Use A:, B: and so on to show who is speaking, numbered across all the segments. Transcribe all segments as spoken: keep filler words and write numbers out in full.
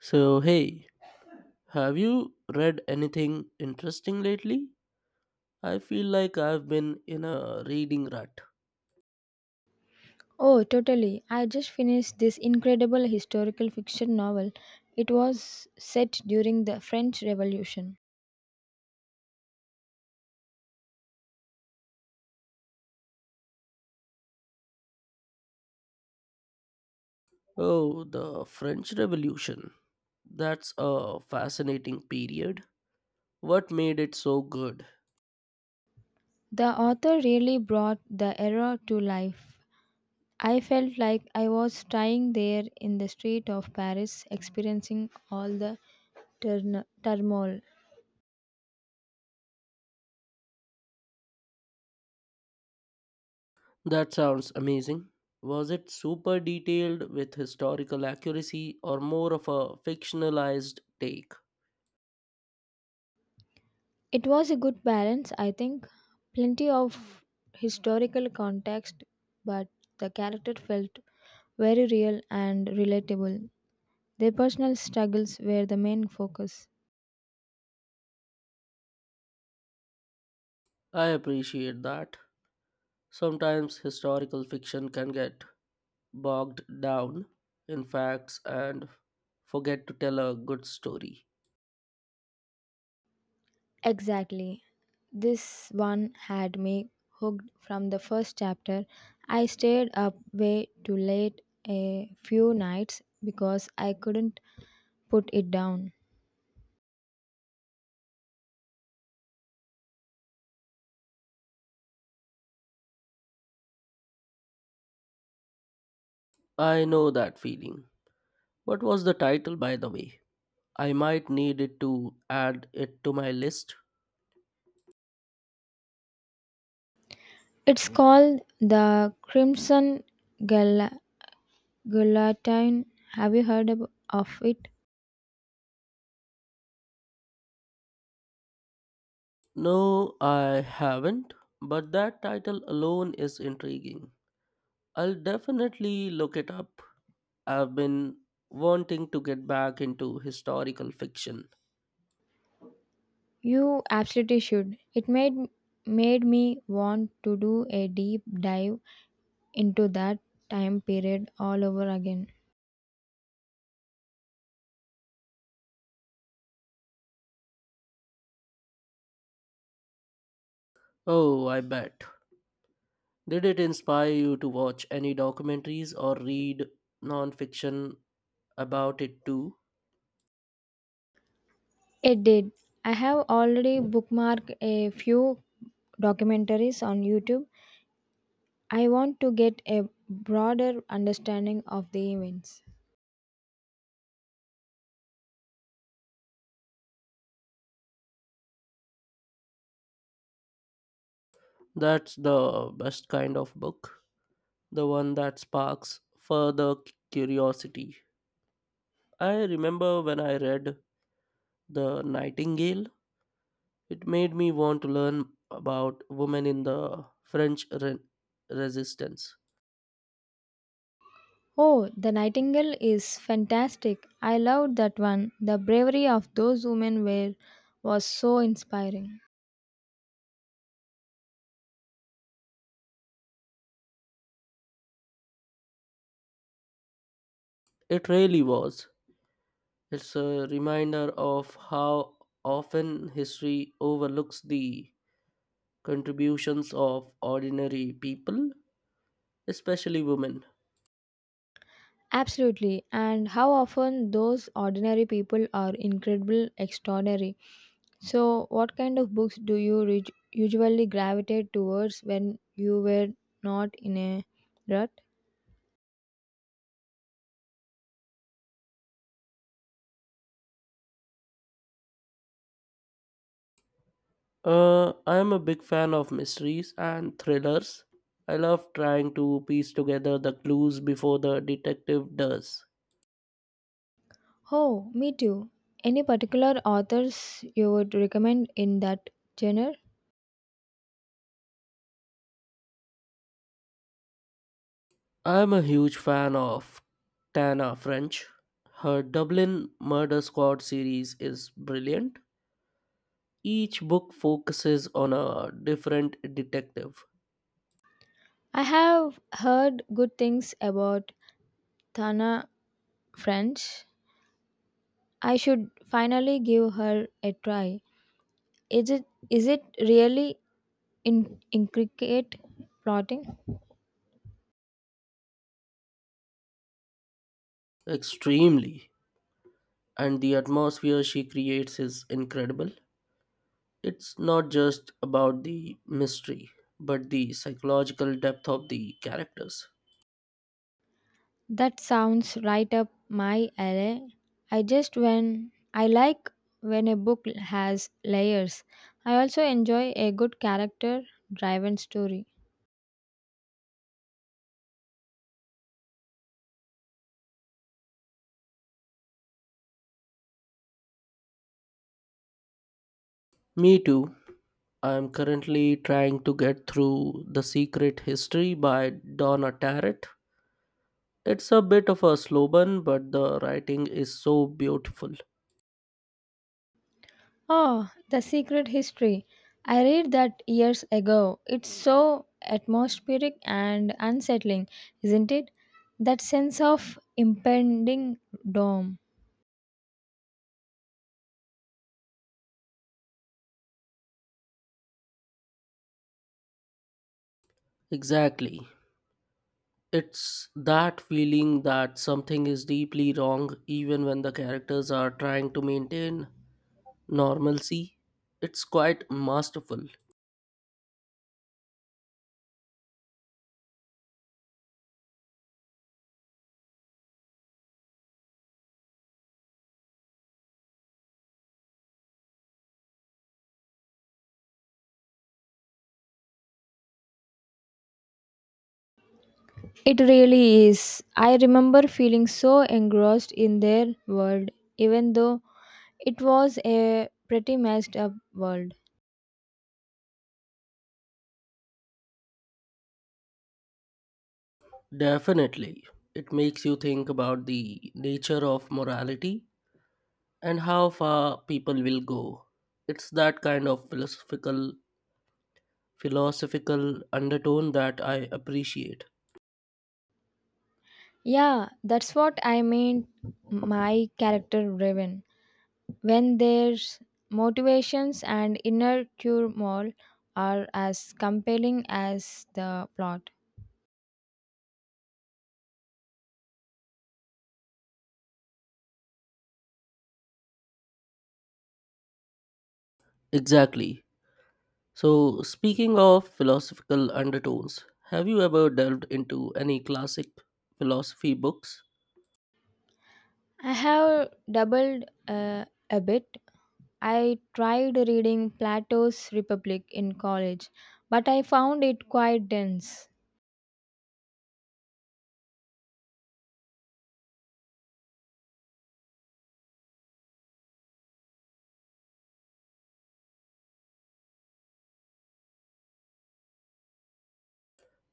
A: So, hey, have you read anything interesting lately? I feel like I've been in a reading rut.
B: Oh, totally. I just finished this incredible historical fiction novel. It was set during the French Revolution.
A: Oh, the French Revolution. That's a fascinating period. What made it so good?
B: The author really brought the era to life. I felt like I was standing there in the street of Paris, experiencing all the turn- turmoil.
A: That sounds amazing. Was it super detailed with historical accuracy or more of a fictionalized take?
B: It was a good balance, I think. Plenty of historical context, but the character felt very real and relatable. Their personal struggles were the main focus.
A: I appreciate that. Sometimes historical fiction can get bogged down in facts and forget to tell a good story.
B: Exactly. This one had me hooked from the first chapter. I stayed up way too late a few nights because I couldn't put it down.
A: I know that feeling. What was the title, by the way? I might need it to add it to my list.
B: It's called the Crimson Gal- Guillotine. Have you heard ab- of it?
A: No, I haven't, but that title alone is intriguing. I'll definitely look it up. I've been wanting to get back into historical fiction.
B: You absolutely should. It made made me want to do a deep dive into that time period all over again.
A: Oh, I bet. Did it inspire you to watch any documentaries or read non fiction about it too?
B: It did. I have already bookmarked a few documentaries on YouTube. I want to get a broader understanding of the events.
A: That's the best kind of book, the one that sparks further curiosity. I remember when I read The Nightingale, it made me want to learn about women in the French re- resistance.
B: Oh, The Nightingale is fantastic. I loved that one. The bravery of those women were was so inspiring.
A: It really was. It's a reminder of how often history overlooks the contributions of ordinary people, especially women.
B: Absolutely. And how often those ordinary people are incredible extraordinary. So, what kind of books do you re- usually gravitate towards when you were not in a rut?
A: Uh, I am a big fan of mysteries and thrillers. I love trying to piece together the clues before the detective does.
B: Oh, me too. Any particular authors you would recommend in that genre?
A: I am a huge fan of Tana French. Her Dublin Murder Squad series is brilliant. Each book focuses on a different detective
B: I have heard good things about Tana French. I should finally give her a try. Is it is it really in intricate plotting.
A: extremely, and the atmosphere she creates is incredible. It's not just about the mystery, but the psychological depth of the characters.
B: That sounds right up my alley. I just when I like when a book has layers. I also enjoy a good character driven story.
A: Me too. I am currently trying to get through The Secret History by Donna Tartt. It's a bit of a slow burn, but the writing is so beautiful.
B: Oh, The Secret History. I read that years ago. It's so atmospheric and unsettling, isn't it? That sense of impending doom.
A: Exactly. It's that feeling that something is deeply wrong even when the characters are trying to maintain normalcy. It's quite masterful.
B: It really is. I remember feeling so engrossed in their world, even though it was a pretty messed up world.
A: Definitely. It makes you think about the nature of morality and how far people will go. It's that kind of philosophical philosophical undertone that I appreciate.
B: Yeah, that's what I mean. My character driven. When their motivations and inner turmoil are as compelling as the plot.
A: Exactly. So speaking of philosophical undertones, have you ever delved into any classic philosophy books?
B: I have doubled uh, a bit. I tried reading Plato's Republic in college, but I found it quite dense.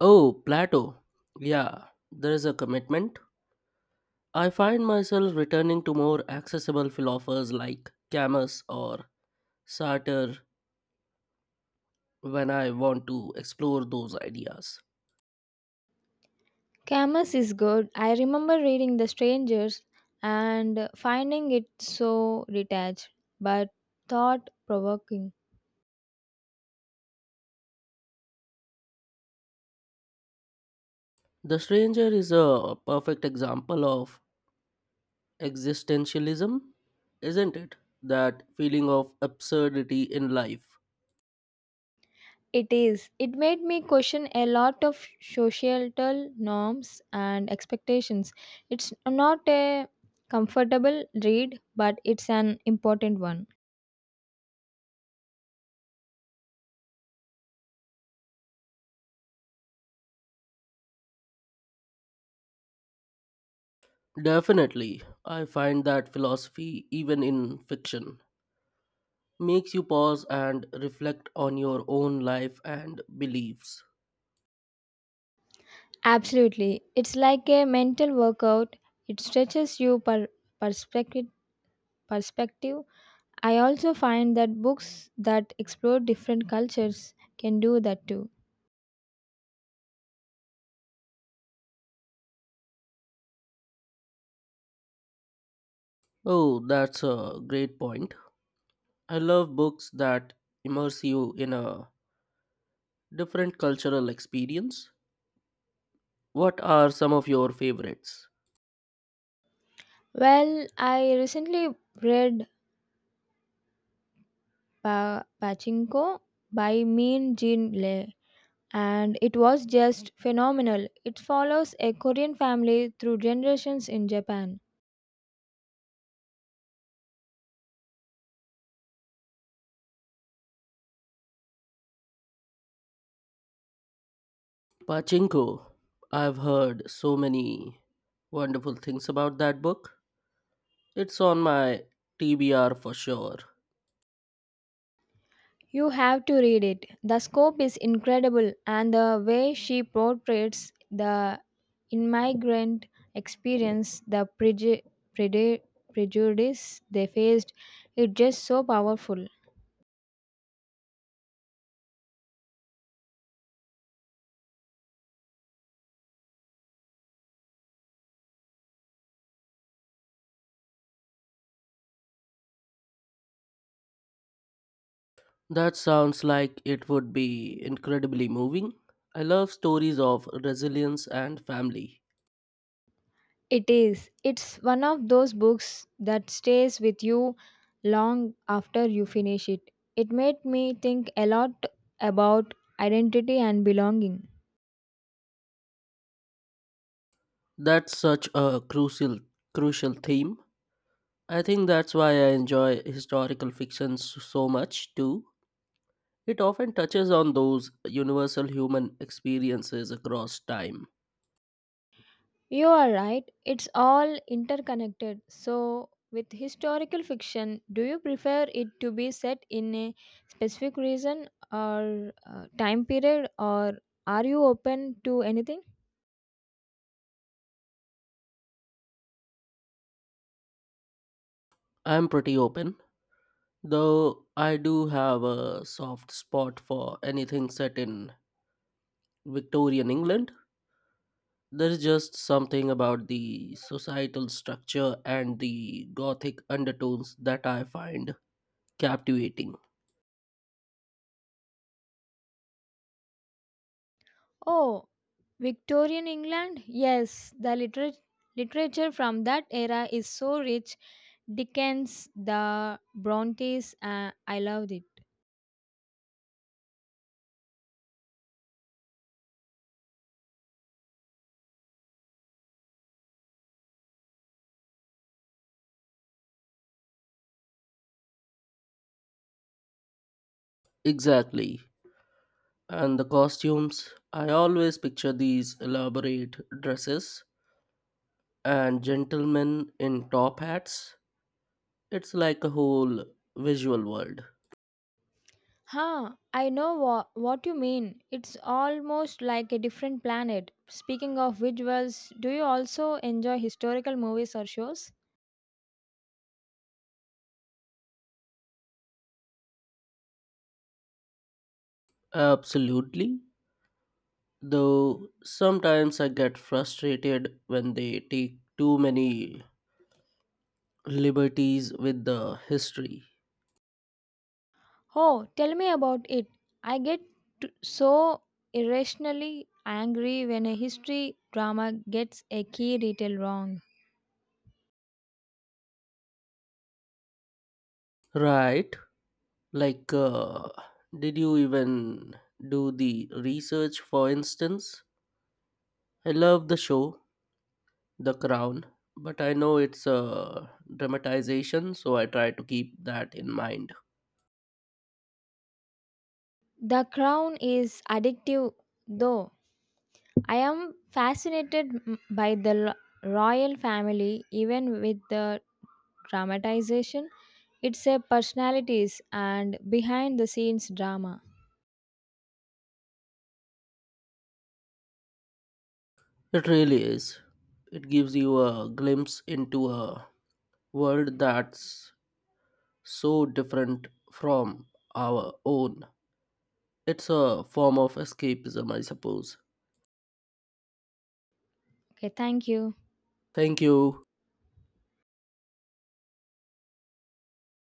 A: Oh, Plato. Yeah, there is a commitment. I find myself returning to more accessible philosophers like Camus or Sartre when I want to explore those ideas.
B: Camus is good. I remember reading The Strangers and finding it so detached but thought provoking.
A: The Stranger is a perfect example of existentialism, isn't it? That feeling of absurdity in life.
B: It is. It made me question a lot of societal norms and expectations. It's not a comfortable read, but it's an important one.
A: Definitely, I find that philosophy, even in fiction, makes you pause and reflect on your own life and beliefs.
B: Absolutely. It's like a mental workout. It stretches you per perspective perspective I also find that books that explore different cultures can do that too.
A: Oh, that's a great point. I love books that immerse you in a different cultural experience. What are some of your favorites?
B: Well, I recently read pa- Pachinko by Min Jin Lee, and it was just phenomenal. It follows a Korean family through generations in Japan.
A: Pachinko. I've heard so many wonderful things about that book. It's on my T B R for sure.
B: You have to read it. The scope is incredible, and the way she portrays the immigrant experience, the preju- preju- prejudice they faced, it's just so powerful.
A: That sounds like it would be incredibly moving. I love stories of resilience and family.
B: It is. It's one of those books that stays with you long after you finish it. It made me think a lot about identity and belonging.
A: That's such a crucial crucial theme. I think that's why I enjoy historical fiction s- so much too. It often touches on those universal human experiences across time.
B: You are right, it's all interconnected. So, with historical fiction, do you prefer it to be set in a specific reason or uh, time period, or are you open to anything?
A: I'm pretty open, though I do have a soft spot for anything set in Victorian England. There's just something about the societal structure and the gothic undertones that I find captivating.
B: Oh, Victorian England? Yes, the literat- literature from that era is so rich. Dickens, the Brontes, uh, I loved it.
A: Exactly. And the costumes, I always picture these elaborate dresses and gentlemen in top hats. It's like a whole visual world.
B: Huh, I know wha- what you mean. It's almost like a different planet. Speaking of visuals, do you also enjoy historical movies or shows?
A: Absolutely. Though sometimes I get frustrated when they take too many liberties with the history.
B: Oh, tell me about it. I get t- so irrationally angry when a history drama gets a key detail wrong.
A: Right? Like, uh, did you even do the research, for instance? I love the show, The Crown, but I know it's a dramatization, so I try to keep that in mind.
B: The Crown is addictive, though. I am fascinated m- by the lo- royal family, even with the dramatization. It's a personalities and behind the scenes drama.
A: It really is. It gives you a glimpse into a world that's so different from our own. It's a form of escapism, I suppose.
B: Okay, thank you.
A: Thank you.